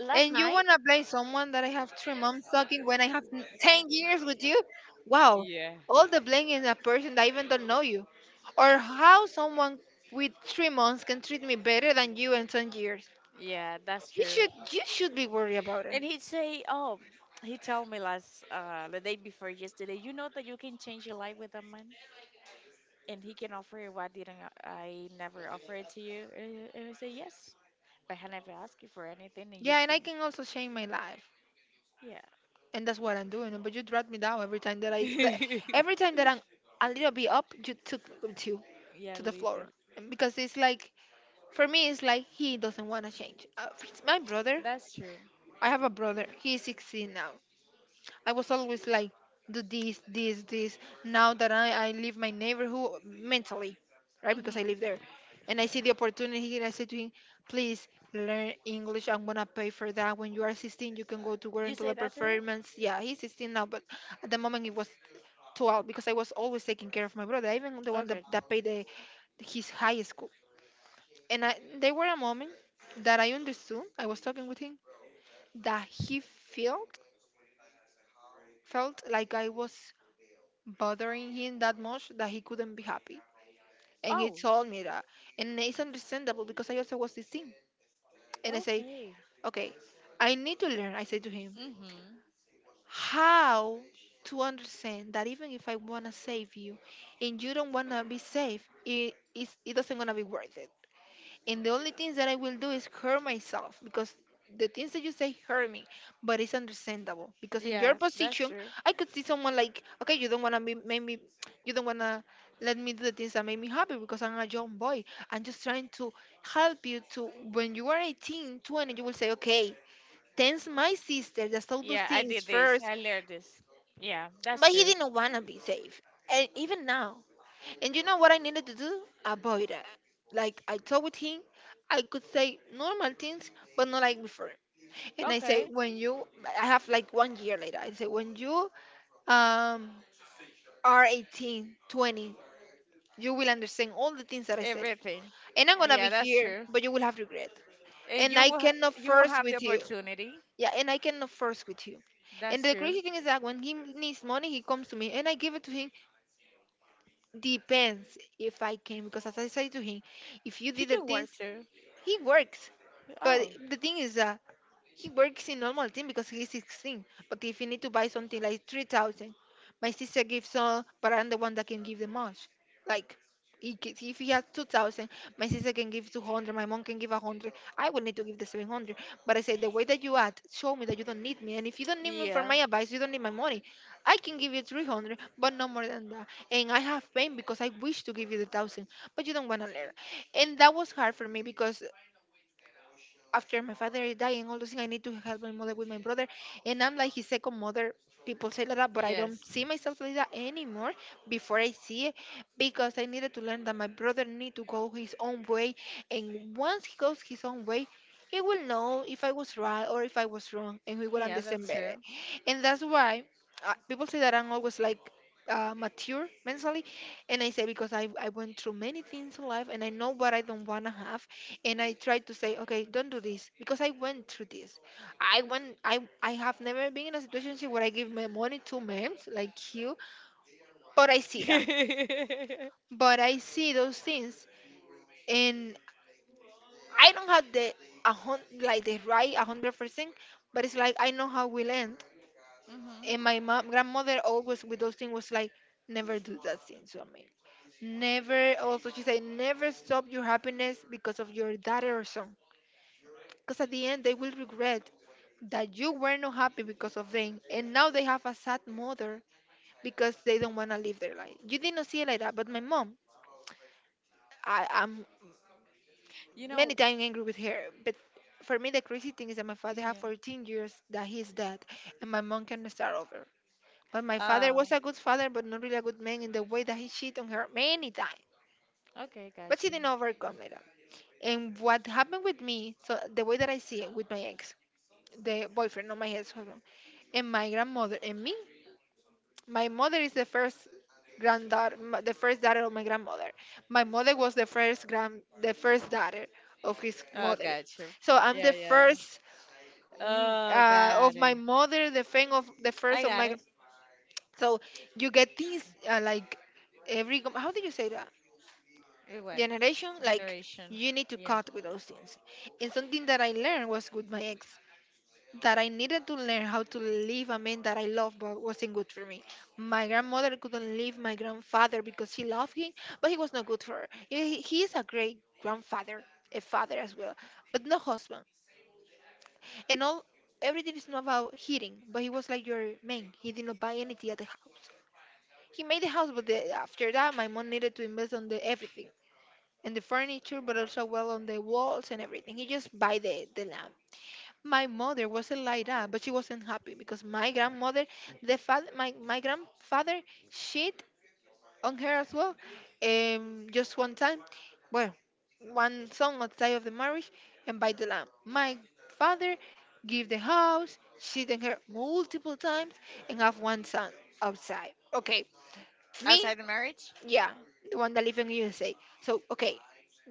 last And you night, wanna blame someone that I have three moms talking when I have 10 years with you? Wow, all the blame is a person that even don't know you, or how someone with 3 months can treat me better than you in 10 years. yeah, that's true. You should be worried about it. And he'd say, oh, he told me last the day before yesterday, you know that you can change your life with a man, and he can offer you what didn't I never offer it to you? And I say yes, but I never ask you for anything, and you Yeah, and do. I can also change my life, Yeah, and that's what I'm doing. But you drag me down every time every time that I'm a little bit up, you took to <laughs> yeah, the little. floor. And because it's like for me, it's like he doesn't wanna change. It's my brother, That's true. I have a brother. He's 16 now. I was always like, do this, this, this. Now that I leave my neighborhood mentally, right? Because I Mm-hmm. live there. And I see Yeah. the opportunity and I say to him, please learn English. I'm going to pay for that. When you are 16, you can go to work You until say that to him? performance. Yeah, he's 16 now, but at the moment it was 12 because I was always taking care of my brother, even the one Okay. that paid the, his high school. And I, there were a moment that I understood, I was talking with him, that he felt felt like I was bothering him that much that he couldn't be happy. And he Oh, told me that. And it's understandable because I also was 16. And I say, okay. okay, I need to learn, I say to him, Mm-hmm. how to understand that even if I want to save you and you don't want to be saved, it doesn't going to be worth it. And the only things that I will do is hurt myself because the things that you say hurt me, but it's understandable because in your Yeah, that's position, true. I could see someone like, okay, you don't wanna be, make me, you don't wanna let me do the things that make me happy because I'm a young boy. I'm just trying to help you to when you are 18, 20 you will say, okay, thanks my sister that saw those Yeah, I things did this. first, I learned this. Yeah, but that's he true. didn't wanna be safe, and even now. And you know what I needed to do? Avoid it. Like I told him, I could say normal things, but not like before. And I say Okay. when you, I have like one year later. I say when you um are 18, 20, you will understand all the things that I said. Everything. And I'm gonna be Yeah, that's here, true. but you will have regret. And And I cannot you will force have the with you. opportunity. Yeah, and I cannot force with you. And That's the true. crazy thing is that when he needs money, he comes to me and I give it to him. Depends if I can, because as I say to him, if you He did the can things. work too. He works, but Oh. the thing is that he works in normal thing because he's 16. But if you need to buy something like 3,000, my sister gives all, but I'm the one that can give the most. Like, if he has 2,000, my sister can give 200, my mom can give 100. I will need to give the 700. But I say, the way that you act, show me that you don't need me. And if you don't need me for Yeah. my advice, you don't need my money. I can give you 300, but no more than that. And I have pain because I wish to give you the 1,000, but you don't want to learn. And that was hard for me because after my father dying, all those things, I need to help my mother with my brother. And I'm like his second mother. People say like that, but I don't Yes. see myself like that anymore, before I see it, because I needed to learn that my brother need to go his own way. And once he goes his own way, he will know if I was right or if I was wrong and he will Yeah, understand that's better. true. And that's why people say that I'm always like, mature mentally, and I say because I went through many things in life and I know what I don't want to have, and I try to say, okay, don't do this because I went through this. I have never been in a situation where I give my money to men like you, but I see that. <laughs> But I see those things, and I don't have the like the right 100%, but it's like I know how we'll end. Mm-hmm. And my mom, grandmother always with those things was like, never do that thing to a man. Never. Also, she said, never stop your happiness because of your daughter or son, because at the end they will regret that you were not happy because of them and now they have a sad mother because they don't want to live their life. You did not see it like that, but my mom, I am You many know, times angry with her. But for me the crazy thing is that my father had yeah. 14 years that he's dead and my mom can start over. But my father was Oh, a good father but not really a good man in the way that he cheated on her many times, okay, but got she you. didn't overcome it all. And what happened with me, so the way that I see it with my ex, the boyfriend, not my ex husband, and my grandmother and me. My mother is the first granddaughter, the first daughter of my grandmother. My mother was the first the first daughter of his Oh, mother. got you. So I'm Yeah, the yeah, first yeah. Oh, of got my it. <tsk> mother, the fan of the first I of got my. it. So you get these like how do you say that, What generation, like generation? you need to Yeah. cut with those things. And something that I learned was with my ex, that I needed to learn how to leave a man that I loved but wasn't good for me. My grandmother couldn't leave my grandfather because she loved him, but he was not good for her. He is a great grandfather, a father as well, but no husband. And all everything is not about hitting, but he was like your man. He did not buy anything at the house. He made the house, but after that, my mom needed to invest on the everything and the furniture, but also well on the walls and everything. He just buy the land. My mother wasn't like that, but she wasn't happy because my grandmother, the father, my grandfather shit on her as well. Just one time, well, one song on the day of the marriage and by the lamb. My father give the house, shit on her multiple times, and have one son outside. Okay, me, Outside the marriage? yeah, the one that live in USA. So okay,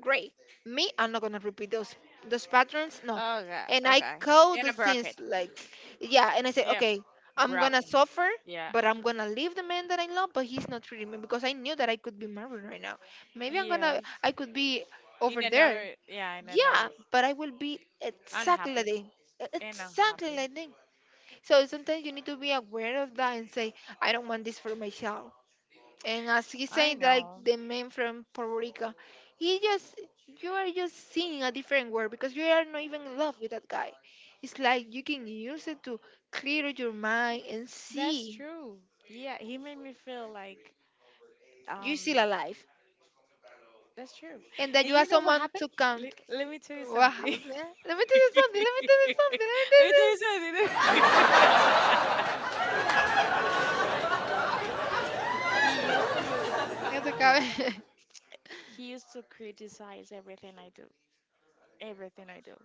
great. Me, I'm not gonna repeat those patterns. No, Oh, and God. I Okay. code In the a things bracket. like, yeah, and I say Yeah, okay, I'm gonna broken. suffer, Yeah. but I'm gonna leave the man that I love, but he's not treating me because I knew that I could be married right now. Maybe Yes. I could be In over there. another. Yeah, in Yeah, another. but I will be exactly like them. Unhappy and Exactly unhappy. like them. So sometimes you need to be aware of that and say, I don't want this for myself. And as he I said, like know. the man from Puerto Rico, he just you are just seeing a different world because you are not even in love with that guy. It's like you can use it to clear your mind and That's see true. Yeah, he made me feel like you're um still alive that's true. and that And you you have know what someone happened? to count. Let me tell you What something. <laughs> happened? Let me tell you Let something. me Let me tell you something. Let me tell tell you you something. something. <laughs> He used to Ya se acabe. he used to criticize everything I do. Everything I do.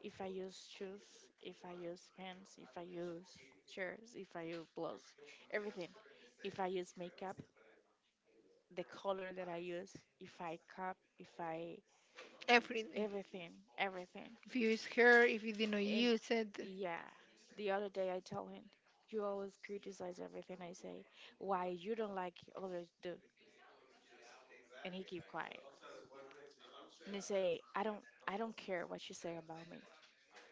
If I use shoes, if I use pants, if I use chairs, if I use clothes, everything. If I use makeup, the color that I use, if I cup, if I <laughs> Everything. everything, everything. If you use her, if you did not And use it, yeah, the other day I tell him, you always criticize everything I say. Why you don't like others do? And he keep quiet. And he say, I don't care what you say about me.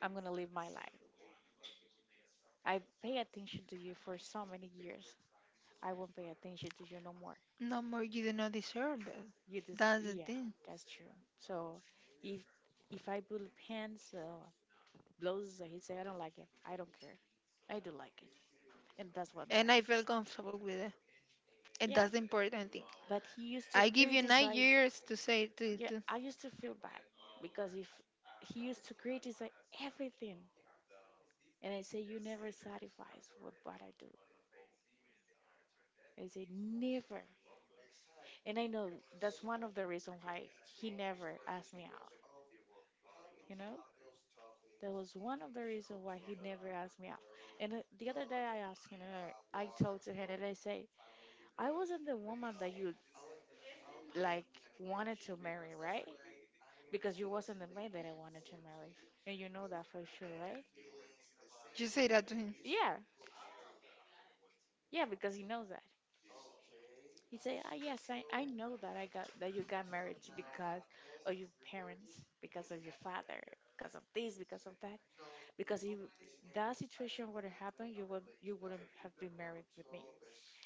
I'm gonna live my life. I pay attention to you for so many years. I won't pay attention to you no more. no more you do not deserve it. That's the Yeah, thing. that's true. So if if I put pants, or blouses, he say I don't like it, I don't care. I do like it, and that's what And I matter. felt comfortable with it. And Yeah, that's the important thing. but he used to I give you nine criticize. years to say Yeah, to, I used to feel bad because if he used to criticize everything, and I say you never satisfies with what I do. I say never, and I know that's one of the reason why he never asked me out. You know, that was one of the reason why he never asked me out. And the other day I asked him, and I talked to him, and I say I wasn't the woman that you like wanted to marry, right? Because you wasn't the man that I wanted to marry, and you know that for sure, right? you say that to him, Yeah, yeah, because he knows that. He say, ah, yes, I know that I got that you got married because of your parents, because of your father, because of this, because of that. Because if that situation wouldn't happen, you wouldn't have been married with me.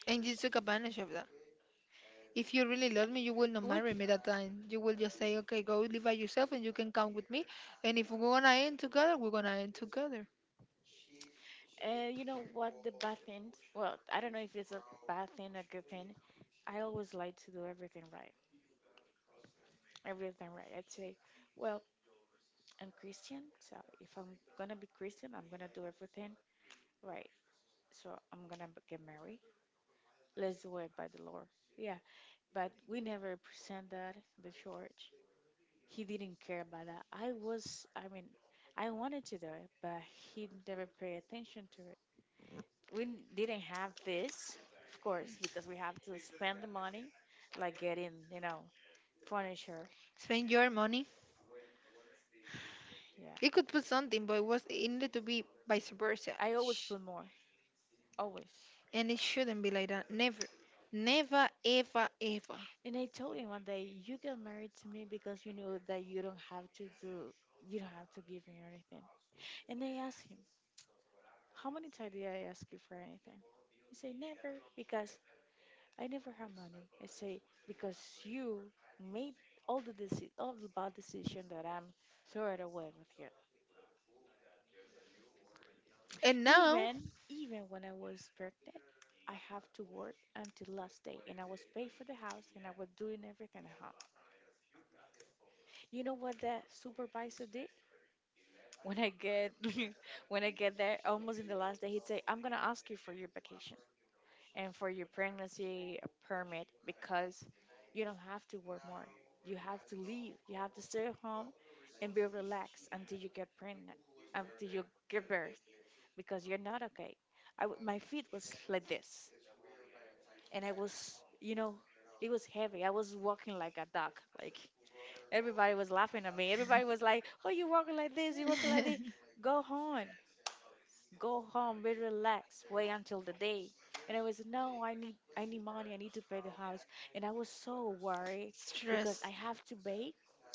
and you took advantage of that. If you really Yeah. love me, you will not We, marry c- me that time. You will just say, okay, go live by yourself, and you can come with me. And if we're gonna end together, we're gonna end together. You know what the bad thing? Well, I don't know if it's a bad thing, a good thing. I always like to do everything right. Everything right. I'd say, well, I'm Christian, so if I'm gonna be Christian, I'm gonna do everything right. So get married. Let's do it by the Lord. Yeah. But we never present that in the church. He didn't care about that. I was, I mean, I wanted to do it, but he never paid attention to it. Didn't have this, of course, because we have to spend the money, like getting furniture. Spend your money. Yeah. It could put something, but it needed to be vice versa. I always Sh- put more, always. and it shouldn't be like that. Never, never, ever, ever. And I told him one day, you get married to me because you know that you don't have to do, you don't have to give me anything. And I asked him, how many times did I ask you for anything? He said, never, because I never have money. I say, because you made all the bad decision that I'm throwing away with you. And now, Even Even when I was pregnant, I have to work until last day and I was paid for the house and I was doing everything at home. You know what the supervisor did? When I get <laughs> when I get there almost in the last day, he'd say, I'm gonna ask you for your vacation and for your pregnancy a permit because you don't have to work more. You have to leave. You have to stay home and be relaxed until you get pregnant, until you give birth because you're not okay. I w My feet was like this and I was, you know, it was heavy. I was walking like a dog. Like everybody was laughing at me. Everybody was like, "Oh, you walking like this? You walking like this? <laughs> Go home." Go home, be relaxed, wait until the day. And I was no, I need money, I need to pay the house. And I was so worried because I stress. have to pay.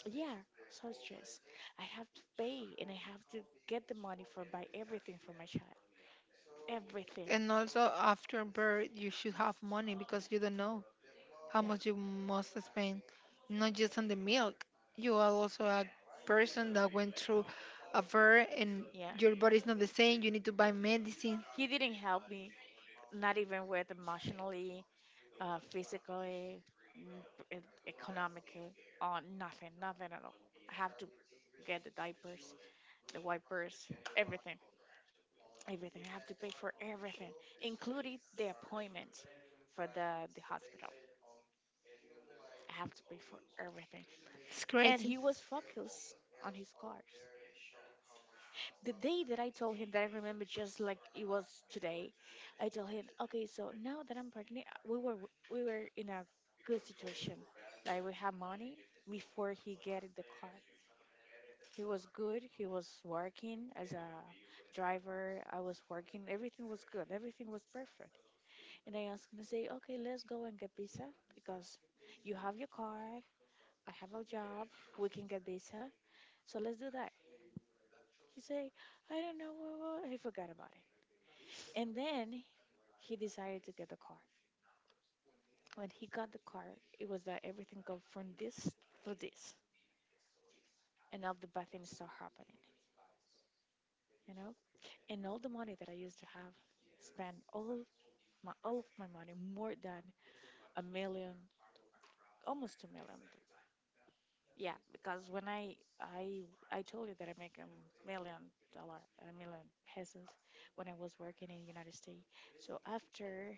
Yeah, so stressed. I have to pay and I have to get the money for buy everything for my child. Everything. And also, after birth, you should have money because you don't know how Yeah. much you must spend, not just on the milk. You are also a person that went through a birth and Yeah. your body is not the same. You need to buy medicine. He didn't help me, not even with emotionally, physically, n- e- economically, on nothing, nothing at all. I have to get the diapers, the wipers, everything. Everything. I have to pay for everything, including the appointment for the hospital. I have to pay for everything. It's And he crazy. was focused on his cars. The day that I told him that I remember just like it was today, I told him, okay, so now that I'm pregnant, we were in a good situation. Like we have money before he get in the car. He was good. He was working as a driver. I was working. Everything was good. Everything was perfect. And I was him to say, okay, let's go and get pizza because you have your car, I have a job, we can get pizza, so let's do that. He said, I don't know, what. He forgot about it. And then he decided to get the car. When he got the car, it was that everything go from this to this, and all the bad things start happening, you know. And all the money that I used to have, spent all of my money, more than a million, almost 2 million. Yeah, because when I told you that I make $1 million a million pesos when I was working in United States. So after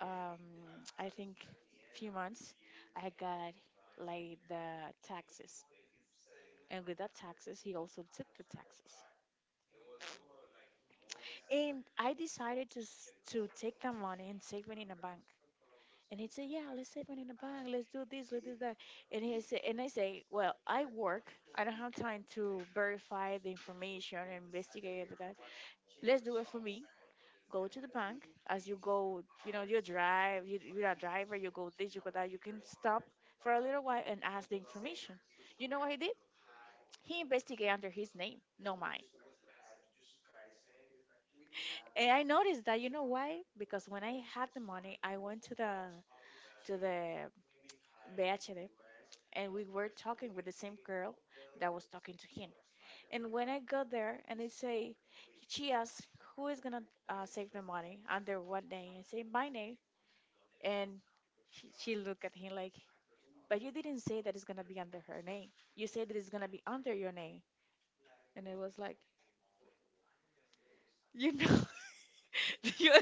<tsk> I think few months, I got like the taxes, and with that taxes, he also took the taxes. And I decided to to take that money and save it in a bank. And he'd say, "Yeah, let's save money in the bank. Let's do this, let's do that." And I say, "Well, I work. I don't have time to verify the information and investigate every that. Let's do it for me. Go to the bank. As you go, you know, you drive. You're a driver. You go this, you go that. You can stop for a little while and ask the information." You know what he did? He investigated under his name, no mine. And I noticed that. You know why? Because when I had the money, I went to the BHD, and we were talking with the same girl that was talking to him. And when I got there and I say, she asked, who is gonna save the money under what name? I say, my name. And she looked at him like, but you didn't say that it's gonna be under her name. You said that it's gonna be under your name. And it was like, you know, <laughs> you-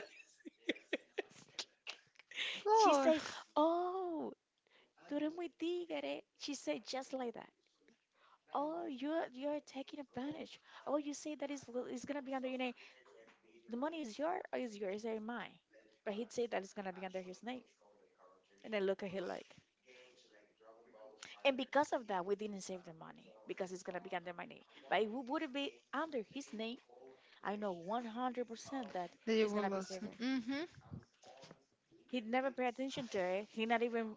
she Lord, say, oh, tú eres muy tigre. She said just like that. Oh, you're taking advantage. Oh, you say that is gonna be under your name. The money is your is yours and mine. But he'd say that it's gonna be under his name, and I look at him like. And because of that, we didn't save the money because it's gonna be under my name. But if it would be under his name, I know 100% that that you it's will gonna be lose. saved. Mm-hmm. He'd never pay attention to it. He not even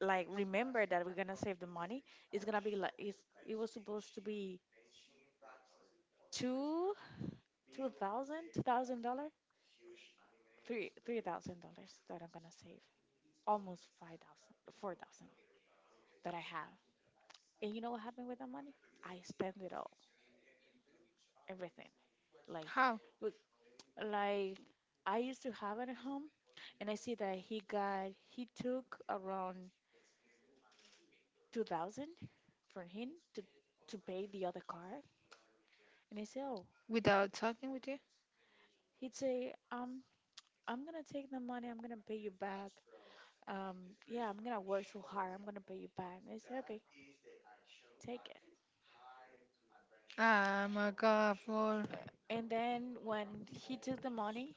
like remember that we're gonna save the money. It's gonna be it was supposed to be two two thousand dollars three thousand dollars that I'm gonna save, almost 5,000, 4,000 that I have. And you know what happened with that money? I spent it all, everything. Like, How? look, like I used to have it at home, and I see that he took around 2,000 for him to to pay the other car, and I say, oh, Without talking with you? he'd say, I'm gonna take the money, I'm gonna pay you back, yeah, I'm gonna work so hard. I'm gonna pay you back. And I said, okay, take it. Ah, my God, Lord. Uh, And then when he took the money,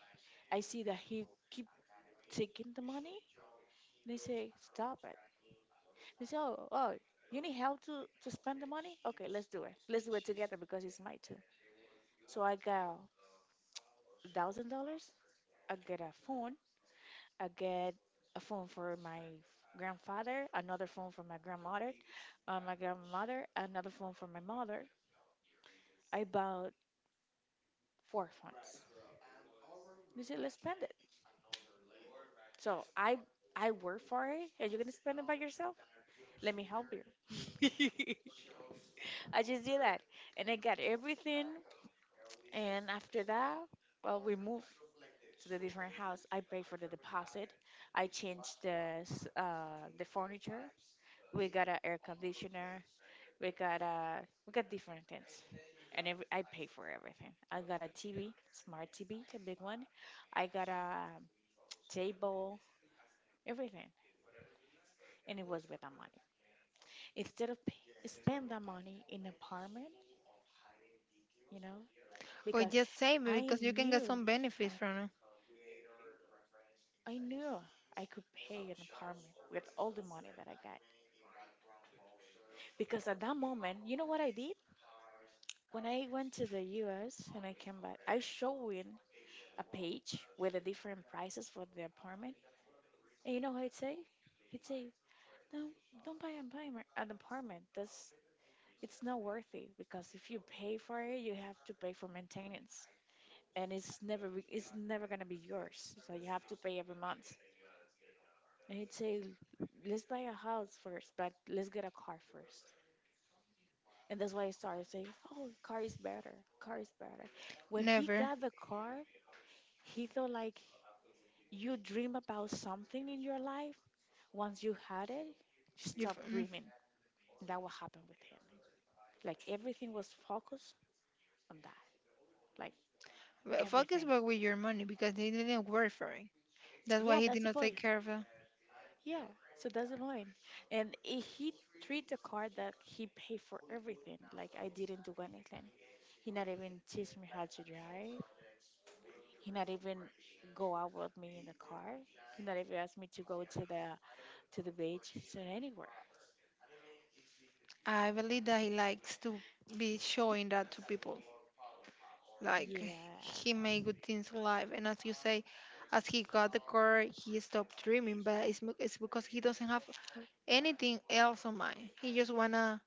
I see that he keep taking the money. And I say, stop it. They say, oh, oh, you need help to spend the money? Okay, let's do it. Let's do it together because it's my turn. So I got $1,000. I get a phone. I get a phone for my grandfather, another phone for my grandmother, another phone for my mother. I bought for funds. You say, let's spend it. So I work for it, and you're gonna spend it by yourself. Let me help you. <laughs> I just did that, and I got everything. And after that, well, we moved to the different house. I paid for the deposit. I changed the furniture. We got a air conditioner. We got different things, and every I pay for everything. I got a TV, smart TV, a big one. I got a table, everything. And it was with that money instead of pay, spend that money in apartment you know Or because just save it i because you can get knew some i benefit from it. I knew I could pay an apartment with all the money that I got. Because at that moment, you know what I did? When I went to the US and I came back, I showed in a page with the different prices for the apartment. And you know what he'd say? he'd say don't don't buy an apartment, that's, it's not worth it because if you pay for it you have to pay for maintenance and it's never re- it's never gonna be yours. So you have to pay every month. And he'd say, "Let's buy a house first, but let's get a car first." And that's why I started saying, "Oh, car is better. Car is better." When he Never. got the car, he thought like you dream about something in your life. Once you had it, you stop Mm. dreaming. That what happened with him. Like everything was focused on that. Like Well, focus everything. back with your money because he didn't work for it. That's why Yeah, he did that's the not take boy. care of it. Yeah. So doesn't mind. And he treat the card that he paid for everything. Like I didn't do anything. He not even teach me how to drive. He not even go out with me in the car. He not even asked me to go to the beach to anywhere. I believe that he likes to be showing that to people. Like Yeah. he made good things in life, and as you say, as he got the car, he stopped dreaming. But it's because he doesn't have anything else on mind. He just wanna